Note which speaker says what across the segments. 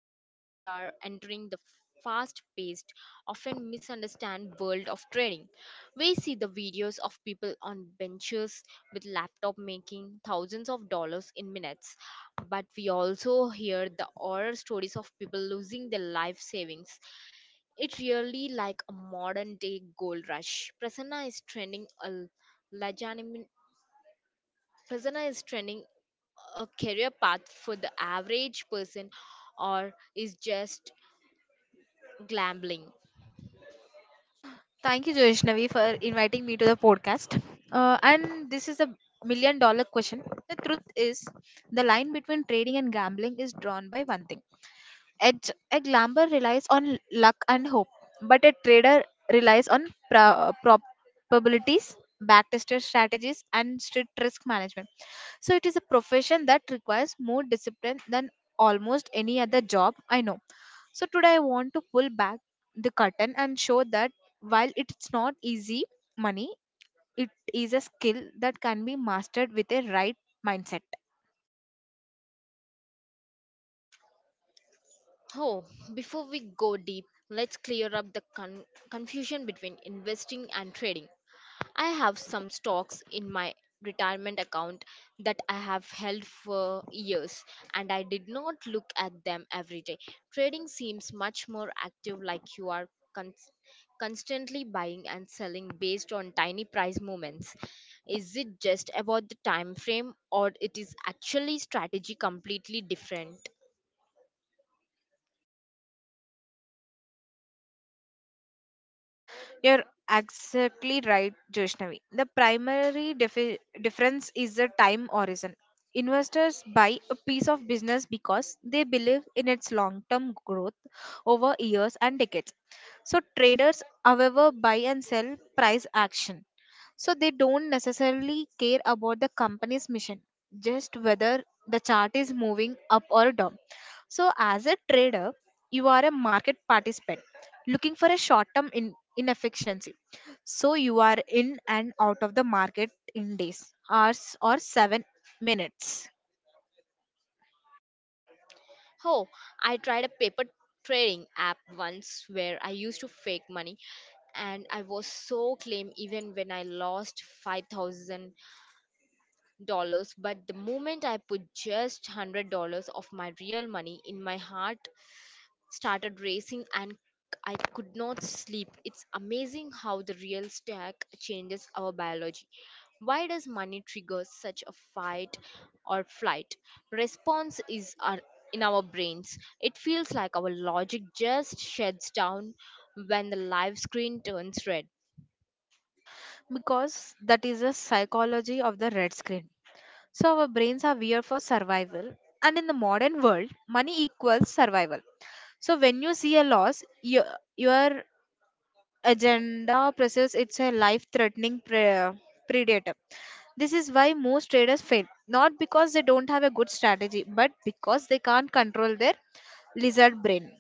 Speaker 1: and today we are entering the fast-paced, often misunderstood world of trading. We see the videos of people on benches with laptop making thousands of dollars in minutes, but we also hear the horror stories of people losing their life savings. It's really like a modern-day gold rush. Legitimate Prasanna is trending a career path for the average person or is just gambling?
Speaker 2: Thank you, Joishnavi, for inviting me to the podcast. And this is a $1 million question. The truth is, the line between trading and gambling is drawn by one thing. Edge, a gambler relies on luck and hope, but a trader relies on probabilities, backtested strategies, and strict risk management. So it is a profession that requires more discipline than almost any other job I know. So today I want to pull back the curtain and show that while it's not easy money, it is a skill that can be mastered with a right mindset.
Speaker 1: Oh, Before we go deep, let's clear up the confusion between investing and trading. I have some stocks in my retirement account that I have held for years and I did not look at them every day. Trading seems much more active, like you are con- constantly buying and selling based on tiny price movements. Is it just about the time frame or it is actually strategy completely different?
Speaker 2: You're exactly right, Joshnavi. The primary difference is the time horizon. Investors buy a piece of business because they believe in its long term growth over years and decades. So, traders, however, buy and sell price action. So, they don't necessarily care about the company's mission, just whether the chart is moving up or down. So, as a trader, you are a market participant looking for a short term inefficiency. So, you are in and out of the market in days, hours, or 7 minutes,
Speaker 1: Oh, I tried a paper trading app once where I used to fake money and I was so claim even when I lost $5,000. But the moment I put just $100 of my real money in my heart, started racing and I could not sleep. It's amazing how the real stack changes our biology. Why does money trigger such a fight or flight? Response is in our brains. It feels like our logic just shuts down when the live screen turns red.
Speaker 2: because that is the psychology of the red screen. So, our brains are weird for survival, and in the modern world, money equals survival. So, when you see a loss, you, your agenda presses it's a life threatening predator. This is why most traders fail, not because they don't have a good strategy, but because they can't control their lizard brain.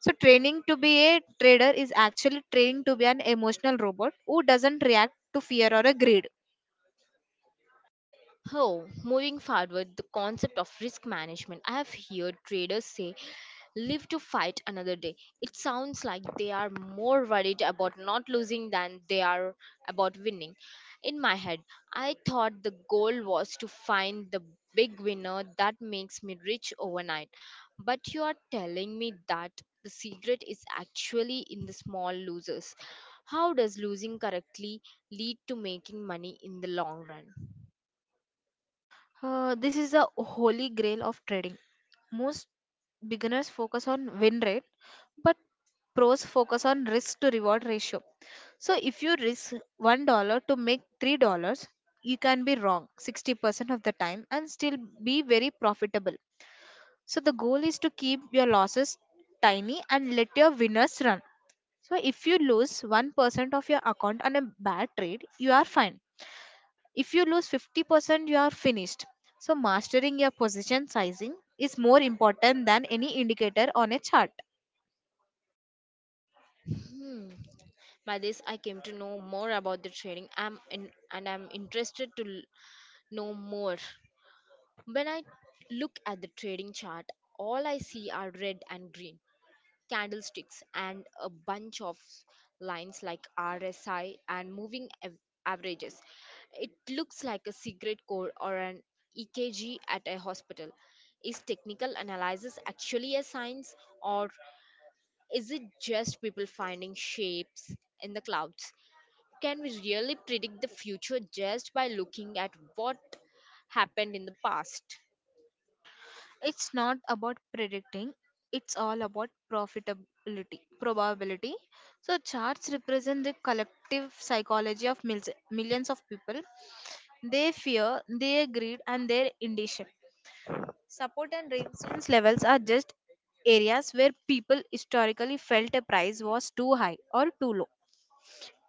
Speaker 2: So training to be a trader is actually training to be an emotional robot who doesn't react to fear or a greed.
Speaker 1: Oh, Moving forward, the concept of risk management. I have heard traders say, live to fight another day. It sounds like they are more worried about not losing than they are about winning. In my head, I thought the goal was to find the big winner that makes me rich overnight. But you are telling me that the secret is actually in the small losers. How does losing correctly lead to making money in the long run?
Speaker 2: This is the holy grail of trading. Most beginners focus on win rate, but pros focus on risk to reward ratio. So if you risk $1 to make $3, you can be wrong 60% of the time and still be very profitable. So the goal is to keep your losses tiny and let your winners run. So if you lose 1% of your account on a bad trade, you are fine. If you lose 50%, you are finished. So mastering your position sizing is more important than any indicator on a chart.
Speaker 1: Hmm. By this, I came to know more about the training I'm in, and I'm interested to know more. When I look at the trading chart, all I see are red and green candlesticks and a bunch of lines like RSI and moving averages. It looks like a secret code or an EKG at a hospital. Is technical analysis actually a science or is it just people finding shapes in the clouds? Can we really predict the future just by looking at what happened in the past?
Speaker 2: It's not about predicting, it's all about profitability probability. So charts represent the collective psychology of millions of people. They fear their greed and their indecision. Support and resistance levels are just areas where people historically felt a price was too high or too low.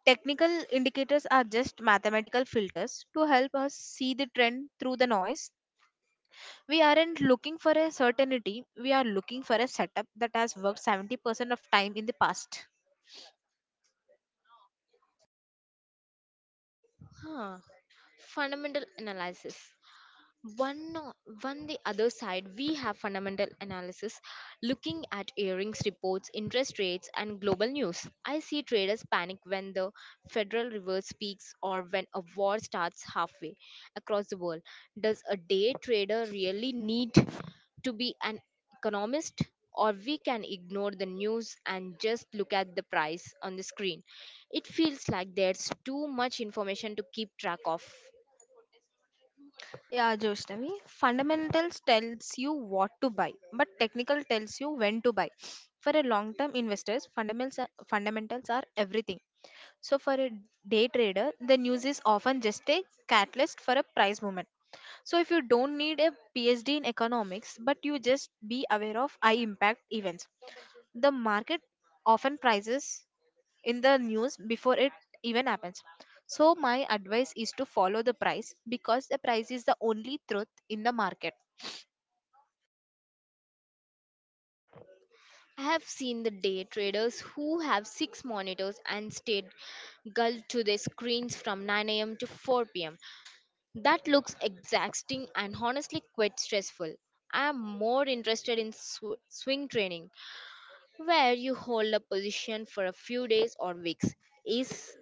Speaker 2: Technical indicators are just mathematical filters to help us see the trend through the noise. We aren't looking for a certainty, we are looking for a setup that has worked 70% of time in the past.
Speaker 1: Huh. Fundamental analysis. One, o- One the other side, we have fundamental analysis looking at earnings reports, interest rates, and global news. I see traders panic when the Federal Reserve speaks or when a war starts halfway across the world. Does a day trader really need to be an economist? Or we can ignore the news and just look at the price on the screen. It feels like there's too much information to keep track of.
Speaker 2: Yeah, Joshnavi. Fundamentals tells you what to buy, but technical tells you when to buy. For a long-term investors, fundamentals are everything. So for a day trader, the news is often just a catalyst for a price movement. So if you don't need a PhD in economics, but you just be aware of high impact events, the market often prices in the news before it even happens. So, my advice is to follow the price because the price is the only truth in the market.
Speaker 1: I have seen the day traders who have six monitors and stayed glued to their screens from 9 a.m. to 4 p.m. That looks exhausting and honestly quite stressful. I am more interested in swing training, where you hold a position for a few days or weeks. Is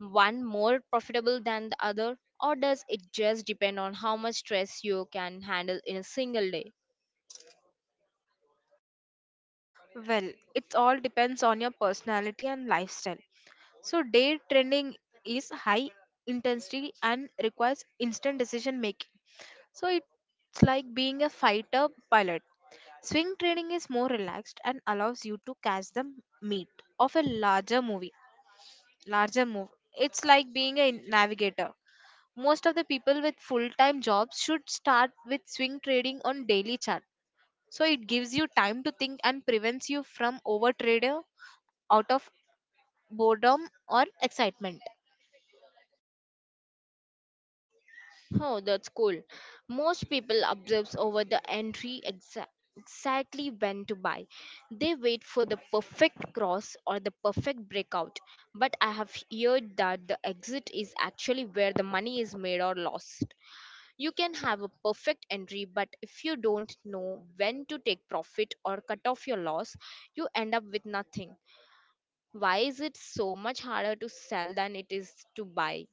Speaker 1: one more profitable than the other, or does it just depend on how much stress you can handle in a single day?
Speaker 2: Well, it all depends on your personality and lifestyle. So, day trading is high intensity and requires instant decision making. So, it's like being a fighter pilot. Swing trading is more relaxed and allows you to catch the meat of a larger movie. Larger move. It's like being a navigator. Most of the people with full-time jobs should start with swing trading on daily chart, so it gives you time to think and prevents you from overtrader out of boredom or excitement.
Speaker 1: Oh, that's cool. Most people observe over the entry exactly when to buy. They wait for the perfect cross or the perfect breakout. But I have heard that the exit is actually where the money is made or lost. You can have a perfect entry, but if you don't know when to take profit or cut off your loss, you end up with nothing. Why is it so much harder to sell than it is to buy?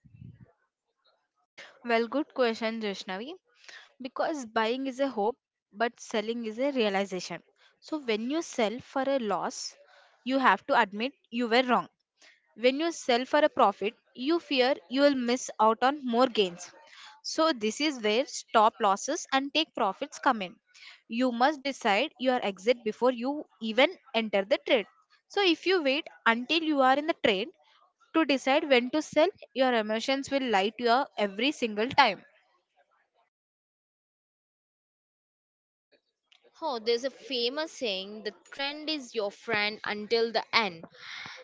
Speaker 2: Well, good question, Jeshnavi. Because buying is a hope, but selling is a realization. So when you sell for a loss, you have to admit you were wrong. When you sell for a profit you fear you will miss out on more gains. So this is where stop losses and take profits come in. You must decide your exit before you even enter the trade. So if you wait until you are in the trade to decide when to sell, your emotions will lie to you every single time.
Speaker 1: Oh, there's a famous saying the trend is your friend until the end.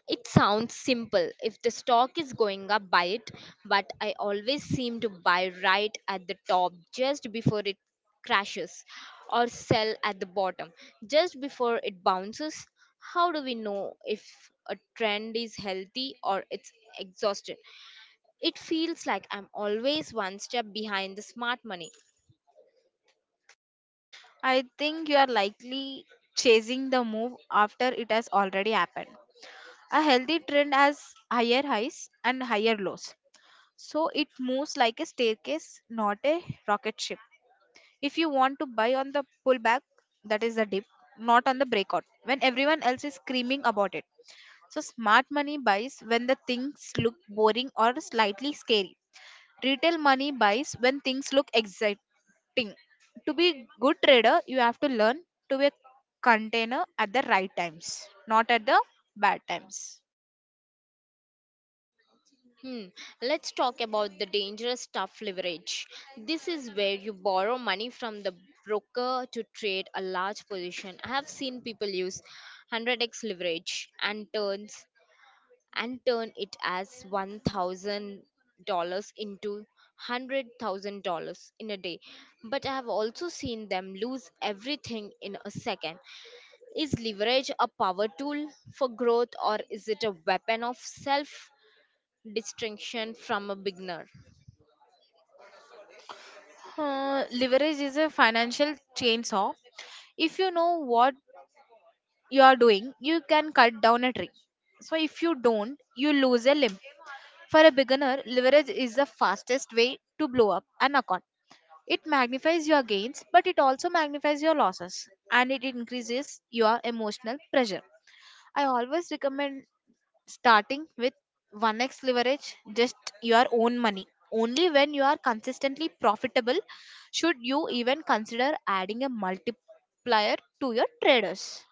Speaker 1: It sounds simple. If the stock is going up, buy it. But I always seem to buy right at the top just before it crashes or sell at the bottom just before it bounces. How do we know if a trend is healthy or it's exhausted? It feels like I'm always one step behind the smart money.
Speaker 2: I think you are likely chasing the move after it has already happened. A healthy trend has higher highs and higher lows, so it moves like a staircase, not a rocket ship. If you want to buy on the pullback, that is the dip, not on the breakout, when everyone else is screaming about it. So smart money buys when the things look boring or slightly scary. Retail money buys when things look exciting. To be good trader, you have to learn to be a container at the right times, not at the bad times.
Speaker 1: Hmm. Let's talk about the dangerous stuff leverage. This is where you borrow money from the broker to trade a large position. I have seen people use 100x leverage and turn it as $1,000 into $100,000 in a day. But I have also seen them lose everything in a second. Is leverage a power tool for growth or is it a weapon of self distinction from a beginner.
Speaker 2: Leverage is a financial chainsaw. If you know what you are doing, you can cut down a tree. So, if you don't, you lose a limb. For a beginner, leverage is the fastest way to blow up an account. It magnifies your gains, but it also magnifies your losses and it increases your emotional pressure. I always recommend starting with 1x leverage, just your own money. Only when you are consistently profitable should you even consider adding a multiplier to your traders,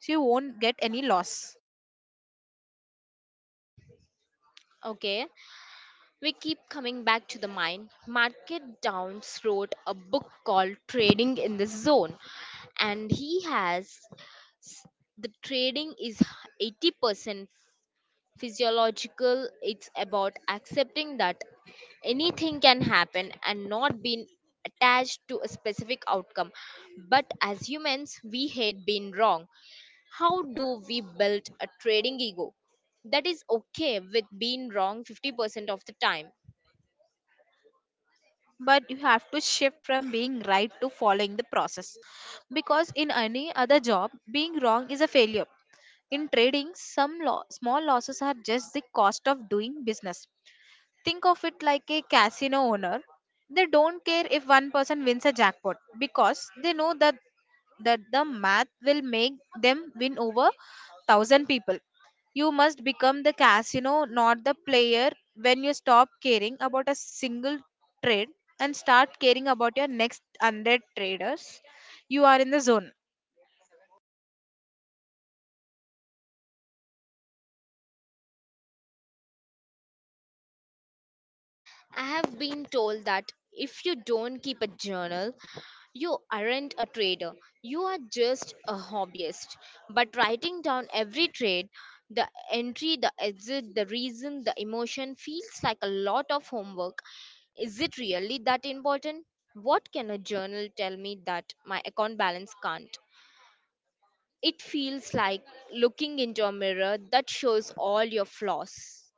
Speaker 2: so you won't get any loss.
Speaker 1: Okay, we keep coming back to the mind. Market Downs wrote a book called Trading in the Zone, and he has the trading is 80% physiological, it's about accepting that anything can happen and not being attached to a specific outcome. But as humans, we hate being wrong. How do we build a trading ego that is okay with being wrong 50% of the time?
Speaker 2: But you have to shift from being right to following the process, because in any other job being wrong is a failure. In trading some small losses are just the cost of doing business. Think of it like a casino owner. They don't care if one person wins a jackpot because they know that the math will make them win over thousand people. You must become the casino, not the player. When you stop caring about a single trade and start caring about your next 100 traders, you are in the zone.
Speaker 1: I have been told that if you don't keep a journal, you aren't a trader, you are just a hobbyist. But writing down every trade, the entry, the exit, the reason, the emotion feels like a lot of homework. Is it really that important? What can a journal tell me that my account balance can't? It feels like looking into a mirror that shows all your flaws.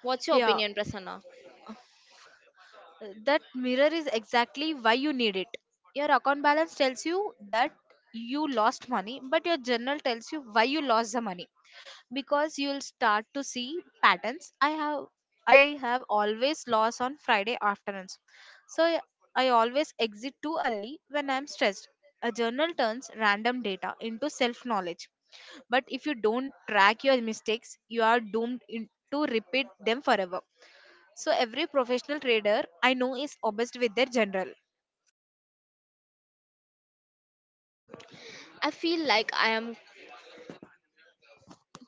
Speaker 1: What's your
Speaker 2: Yeah,
Speaker 1: opinion, Prasanna?
Speaker 2: That mirror is exactly why you need it. Your account balance tells you that you lost money, but your journal tells you why you lost the money. Because you'll start to see patterns. I have always lost on Friday afternoons. so i I always exit too early when I'm stressed. A journal turns random data into self knowledge, but if you don't track your mistakes you are doomed in, to repeat them forever. So every professional trader I know is obsessed with their general.
Speaker 1: I feel like I am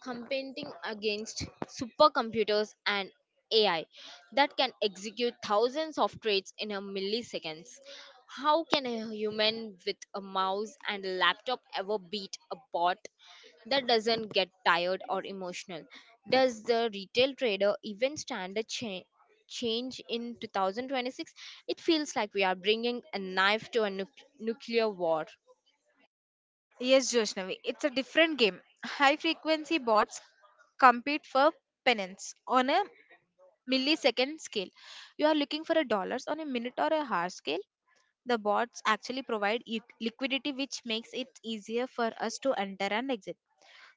Speaker 1: competing against supercomputers and AI that can execute thousands of trades in a milliseconds. How can a human with a mouse and a laptop ever beat a bot that doesn't get tired or emotional? Does the retail trader even stand a change in 2026? It feels like we are bringing a knife to a nuclear war.
Speaker 2: Yes, Joshnavi, it's a different game. High frequency bots compete for pennants on a millisecond scale. You are looking for a dollars on a minute or a hour scale. The bots actually provide liquidity, which makes it easier for us to enter and exit.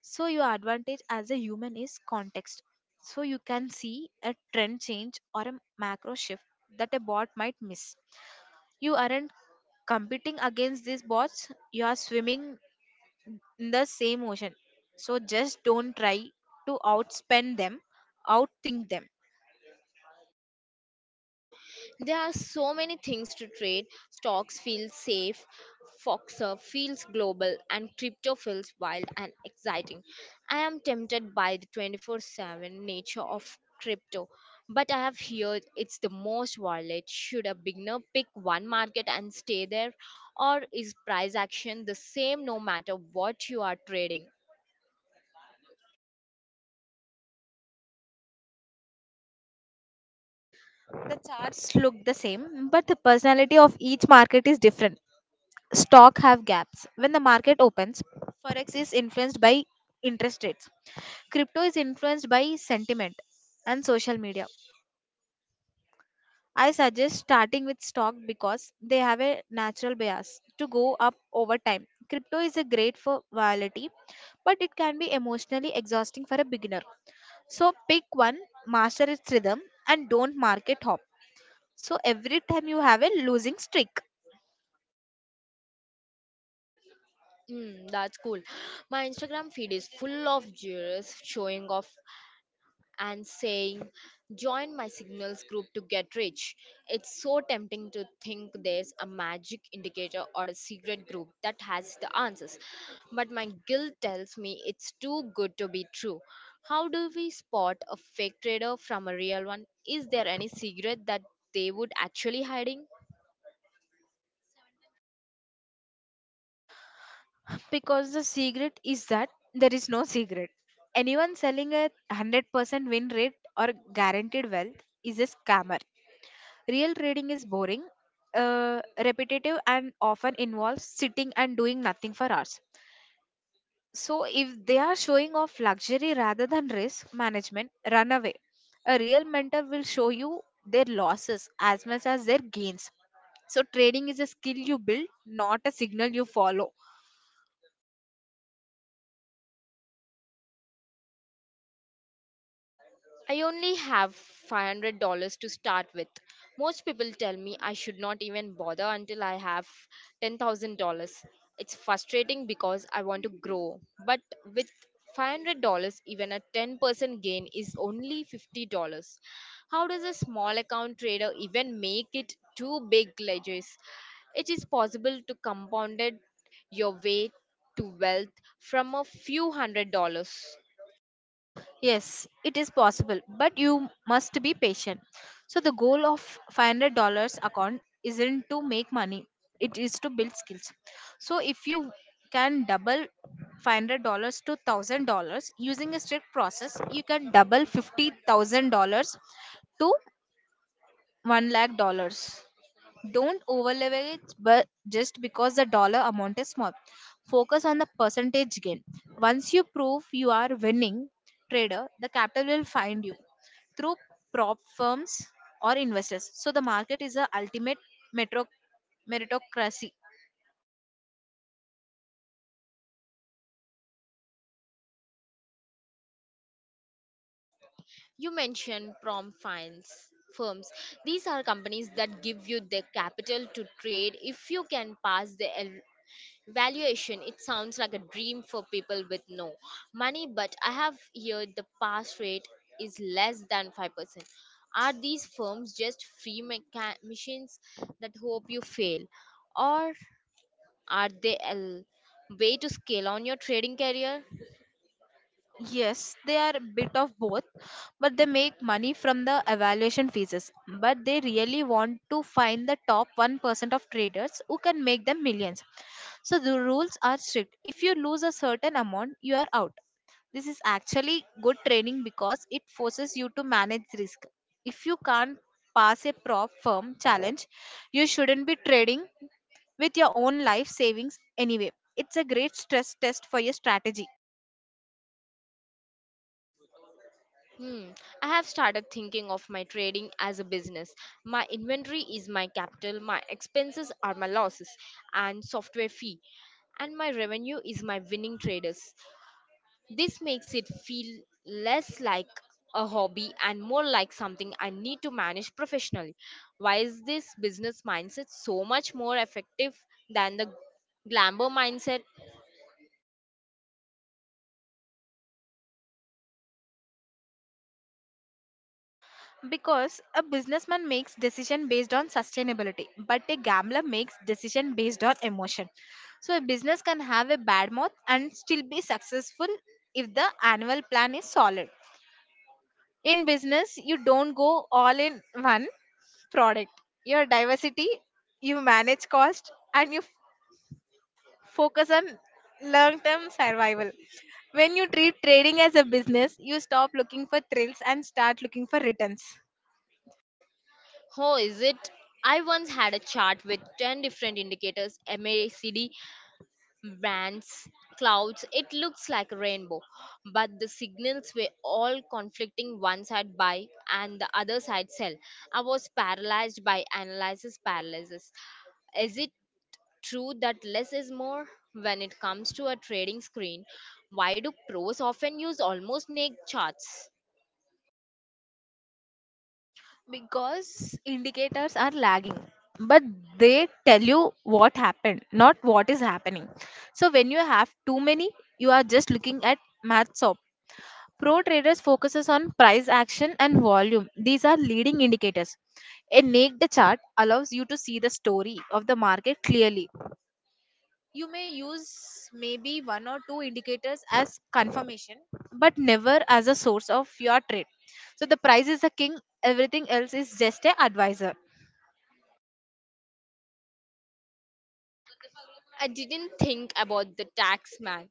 Speaker 2: So your advantage as a human is context. So you can see a trend change or a macro shift that a bot might miss. You aren't competing against these bots. You are swimming in the same ocean. So just don't try to outspend them, outthink them.
Speaker 1: There are so many things to trade. Stocks feel safe, Foxer feels global, and crypto feels wild and exciting. I am tempted by the 24/7 nature of crypto, but I have heard it's the most volatile. Should a beginner pick one market and stay there, or is price action the same no matter what you are trading?
Speaker 2: The charts look the same, but the personality of each market is different. Stock have gaps. When the market opens, forex is influenced by interest rates. Crypto is influenced by sentiment and social media. I suggest starting with stock because they have a natural bias to go up over time. Crypto is a great for volatility, but it can be emotionally exhausting for a beginner. So pick one, master its rhythm, and don't market hop. So every time you have a losing streak.
Speaker 1: That's cool. My Instagram feed is full of jurors showing off and saying, Join my signals group to get rich. It's so tempting to think there's a magic indicator or a secret group that has the answers. But my guilt tells me it's too good to be true. How do we spot a fake trader from a real one? Is there any secret that they would actually hiding?
Speaker 2: Because the secret is that there is no secret. Anyone selling a 100% win rate or guaranteed wealth is a scammer. Real trading is boring, repetitive, and often involves sitting and doing nothing for hours. So, if they are showing off luxury rather than risk management, run away. A real mentor will show you their losses as much as their gains. So, trading is a skill you build, not a signal you follow.
Speaker 1: I only have $500 to start with. Most people tell me I should not even bother until I have $10,000. It's frustrating because I want to grow, but with $500, even a 10% gain is only $50. How does a small account trader even make it two big ledgers? It is possible to compound your way to wealth from a few $100.
Speaker 2: Yes, it is possible, but you must be patient. So the goal of $500 account isn't to make money, it is to build skills. So if you can double $500 to $1000 using a strict process, you can double $50,000 to $1 lakh dollars. Don't overleverage, but just because the dollar amount is small. Focus on the percentage gain. Once you prove you are winning trader, the capital will find you through prop firms or investors. So the market is the ultimate metro meritocracy.
Speaker 1: You mentioned prom finance firms these are companies that give you the capital to trade if you can pass the valuation. It sounds like a dream for people with no money but I have heard the pass rate is less than 5%. Are these firms just free machines that hope you fail or are they a way to scale on your trading career?
Speaker 2: Yes, they are a bit of both, but they make money from the evaluation fees. But they really want to find the top 1% of traders who can make them millions. So the rules are strict. If you lose a certain amount, you are out. This is actually good training because it forces you to manage risk. If you can't pass a prop firm challenge, you shouldn't be trading with your own life savings anyway. It's a great stress test for your strategy.
Speaker 1: Hmm. I have started thinking of my trading as a business. My inventory is my capital, my expenses are my losses and software fee, and my revenue is my winning traders. This makes it feel less like a hobby and more like something I need to manage professionally. Why is this business mindset so much more effective than the glamour mindset?
Speaker 2: Because a businessman makes decision based on sustainability, but a gambler makes decision based on emotion. So a business can have a bad month and still be successful if the annual plan is solid. In business you don't go all in one product, your diversity, you manage cost, and you focus on long term survival. When you treat trading as a business, you stop looking for thrills and start looking for returns.
Speaker 1: How is it? I once had a chart with 10 different indicators MACD bands, clouds, it looks like a rainbow. But the signals were all conflicting one side buy and the other side sell. I was paralyzed by analysis paralysis. Is it true that less is more? When it comes to a trading screen, why do pros often use almost naked charts?
Speaker 2: Because indicators are lagging, but they tell you what happened, not what is happening. So when you have too many, you are just looking at math. Op Pro traders focuses on price action and volume. These are leading indicators. A naked chart allows you to see the story of the market clearly. You may use maybe one or two indicators as confirmation, but never as a source of your trade. So the price is the king, everything else is just a advisor.
Speaker 1: I didn't think about the tax man.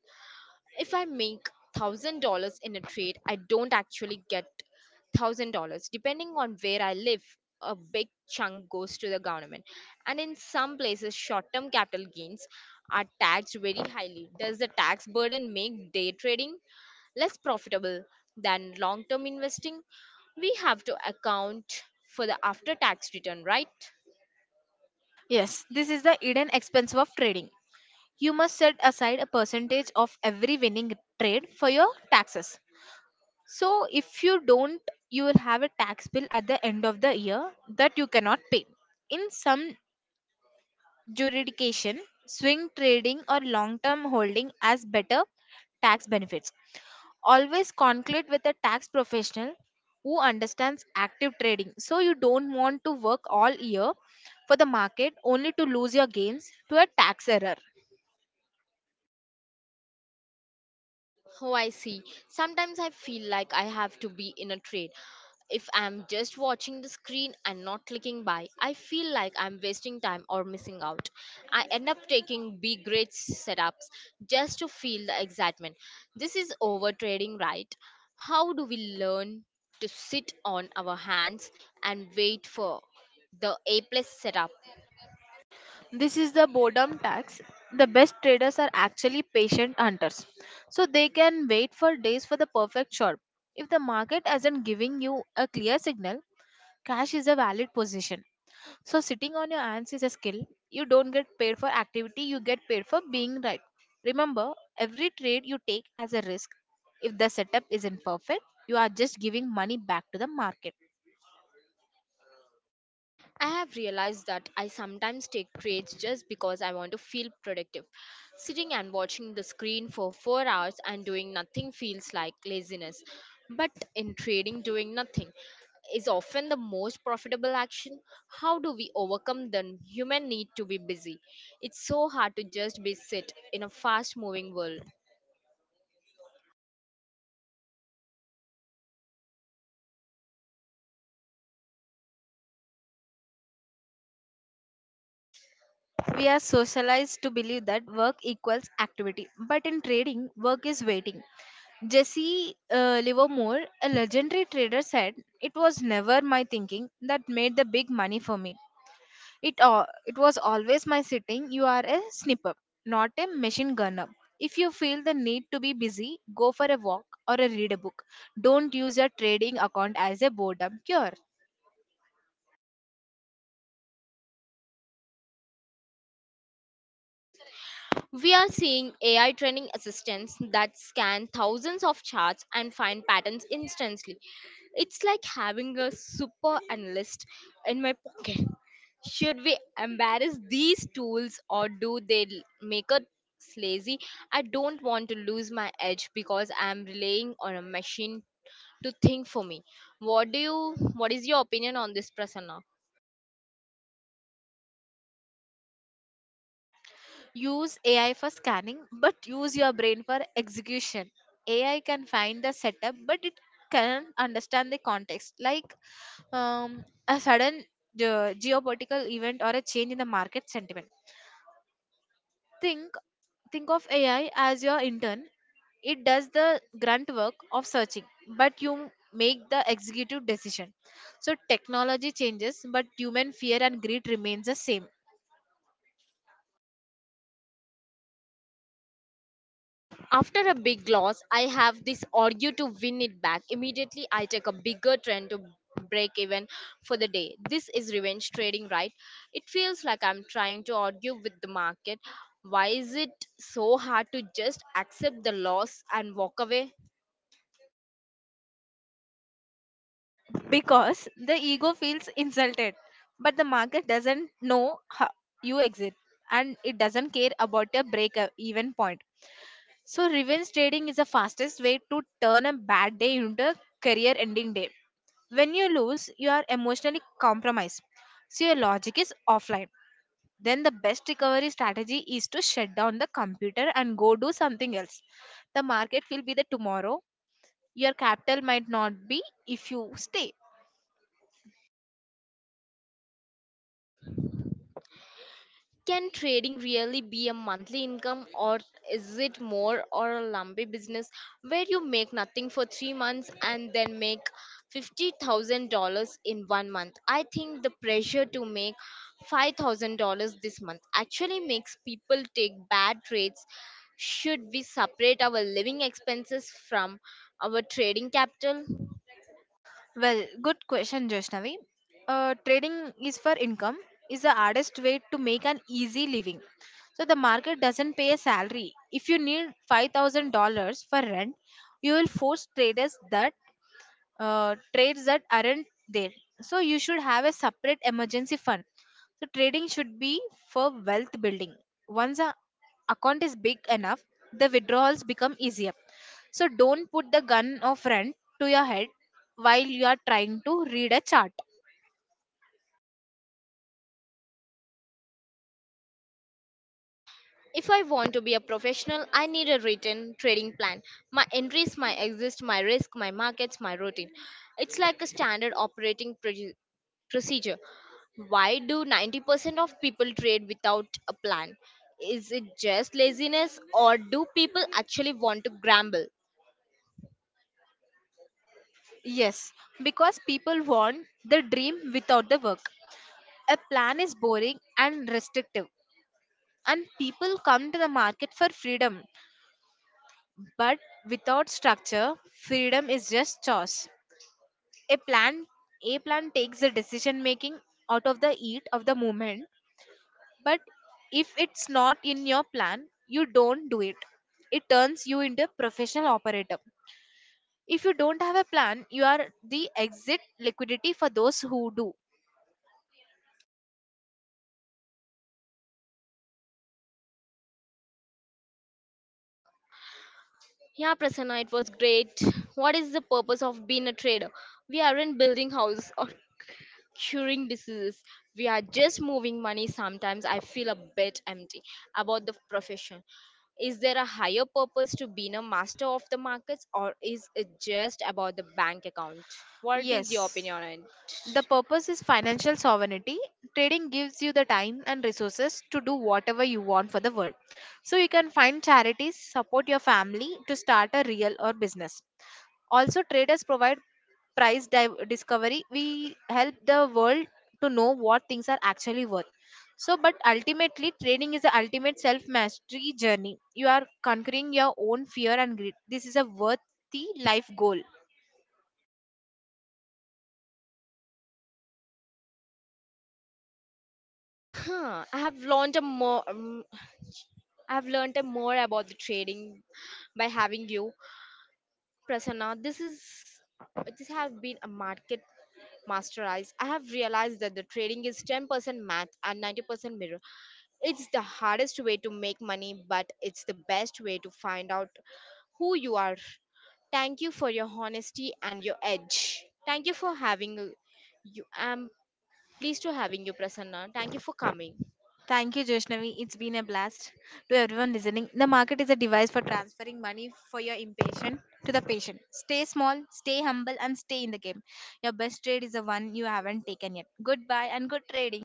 Speaker 1: If I make $1,000 in a trade, I don't actually get $1,000. Depending on where I live, a big chunk goes to the government. And in some places, short term capital gains are taxed very highly. Does the tax burden make day trading less profitable than long term investing? We have to account for the after tax return, right?
Speaker 2: Yes, this is the hidden expense of trading. You must set aside a percentage of every winning trade for your taxes. So, if you don't, you will have a tax bill at the end of the year that you cannot pay. In some jurisdiction, swing trading, or long term holding as better tax benefits. Always conclude with a tax professional who understands active trading. So, you don't want to work all year for the market only to lose your gains to a tax error.
Speaker 1: Oh, I see. Sometimes I feel like I have to be in a trade. If I'm just watching the screen and not clicking buy, I feel like I'm wasting time or missing out. I end up taking B-grade setups just to feel the excitement. This is over trading, right? How do we learn to sit on our hands and wait for the A plus setup?
Speaker 2: This is the boredom tax. The best traders are actually patient hunters. So, they can wait for days for the perfect shot. If the market isn't giving you a clear signal, cash is a valid position. So sitting on your hands is a skill. You don't get paid for activity, you get paid for being right. Remember, every trade you take as a risk. If the setup isn't perfect, you are just giving money back to the market.
Speaker 1: I have realized that I sometimes take breaks just because I want to feel productive. Sitting and watching the screen for 4 hours and doing nothing feels like laziness. But in trading, doing nothing is often the most profitable action. How do we overcome the human need to be busy? It's so hard to just be sit in a fast moving world.
Speaker 2: We are socialized to believe that work equals activity, but in trading, work is waiting. Jesse Livermore, a legendary trader, said, "It was never my thinking that made the big money for me. All it was always my sitting." You are a snipper, not a machine gunner. If you feel the need to be busy, go for a walk or a read a book. Don't use your trading account as a boredom cure.
Speaker 1: We are seeing AI training assistants that scan thousands of charts and find patterns instantly. It's like having a super analyst in my pocket. Should we embarrass these tools or do they make us lazy? I don't want to lose my edge because I'm relying on a machine to think for me. What is your opinion on this, Prasanna?
Speaker 2: Use AI for scanning, but use your brain for execution. AI can find the setup, but it can understand the context, like a sudden geopolitical event or a change in the market sentiment. Think think of AI as your intern. It does the grunt work of searching, but you make the executive decision. So technology changes, but human fear and greed remains the same.
Speaker 1: After a big loss, I have this urge to win it back. Immediately, I take a bigger trend to break even for the day. This is revenge trading, right? It feels like I'm trying to argue with the market. Why is it so hard to just accept the loss and walk away?
Speaker 2: Because the ego feels insulted, but the market doesn't know how you exit, and it doesn't care about your break even point. So revenge trading is the fastest way to turn a bad day into a career ending day. When you lose, you are emotionally compromised, so your logic is offline. Then the best recovery strategy is to shut down the computer and go do something else. The market will be there tomorrow. Your capital might not be if you stay.
Speaker 1: Can trading really be a monthly income, or is it more or a lumpy business where you make nothing for 3 months and then make $50,000 in one month? I think the pressure to make $5,000 this month actually makes people take bad trades. Should we separate our living expenses from our trading capital?
Speaker 2: Well, good question, Joshnavi. Trading is for income is the hardest way to make an easy living. So the market doesn't pay a salary. If you need $5,000 for rent, you will force traders that trades that aren't there. So you should have a separate emergency fund. So trading should be for wealth building. Once a account is big enough, the withdrawals become easier. So don't put the gun of rent to your head while you are trying to read a chart.
Speaker 1: If I want to be a professional, I need a written trading plan. My entries, my exits, my risk, my markets, my routine. It's like a standard operating procedure. Why do 90% of people trade without a plan? Is it just laziness or do people actually want to gamble?
Speaker 2: Yes, because people want the dream without the work. A plan is boring and restrictive, and people come to the market for freedom, but without structure, freedom is just choice. A plan A plan takes the decision making out of the heat of the moment, but if it's not in your plan, you don't do it. It turns you into a professional operator. If you don't have a plan, you are the exit liquidity for those who do.
Speaker 1: Yeah, Prasanna, it was great. What is the purpose of being a trader? We aren't building house or curing diseases. We are just moving money. Sometimes I feel a bit empty about the profession. Is there a higher purpose to being a master of the markets, or is it just about the bank account? What is your
Speaker 2: Yes.
Speaker 1: opinion on it?
Speaker 2: The purpose is financial sovereignty. Trading gives you the time and resources to do whatever you want for the world. So you can find charities, support your family to start a real or business. Also, traders provide discovery. We help the world to know what things are actually worth. So, but ultimately, trading is the ultimate self mastery journey. You are conquering your own fear and greed. This is a worthy life goal.
Speaker 1: Huh, I have learned a more. Um, I have learned a more about the trading by having you, Prasanna. This has been a market masterized. I have realized that the trading is 10% math and 90% mirror. It's the hardest way to make money, but it's the best way to find out who you are. Thank you for your honesty and your edge. Thank you for having you. I'm pleased to having you, Prasanna. Thank you for coming.
Speaker 2: Thank you, Joshnavi. It's been a blast. To everyone listening, the market is a device for transferring money for your impatient to the patient. Stay small, stay humble, and stay in the game. Your best trade is the one you haven't taken yet. Goodbye and good trading.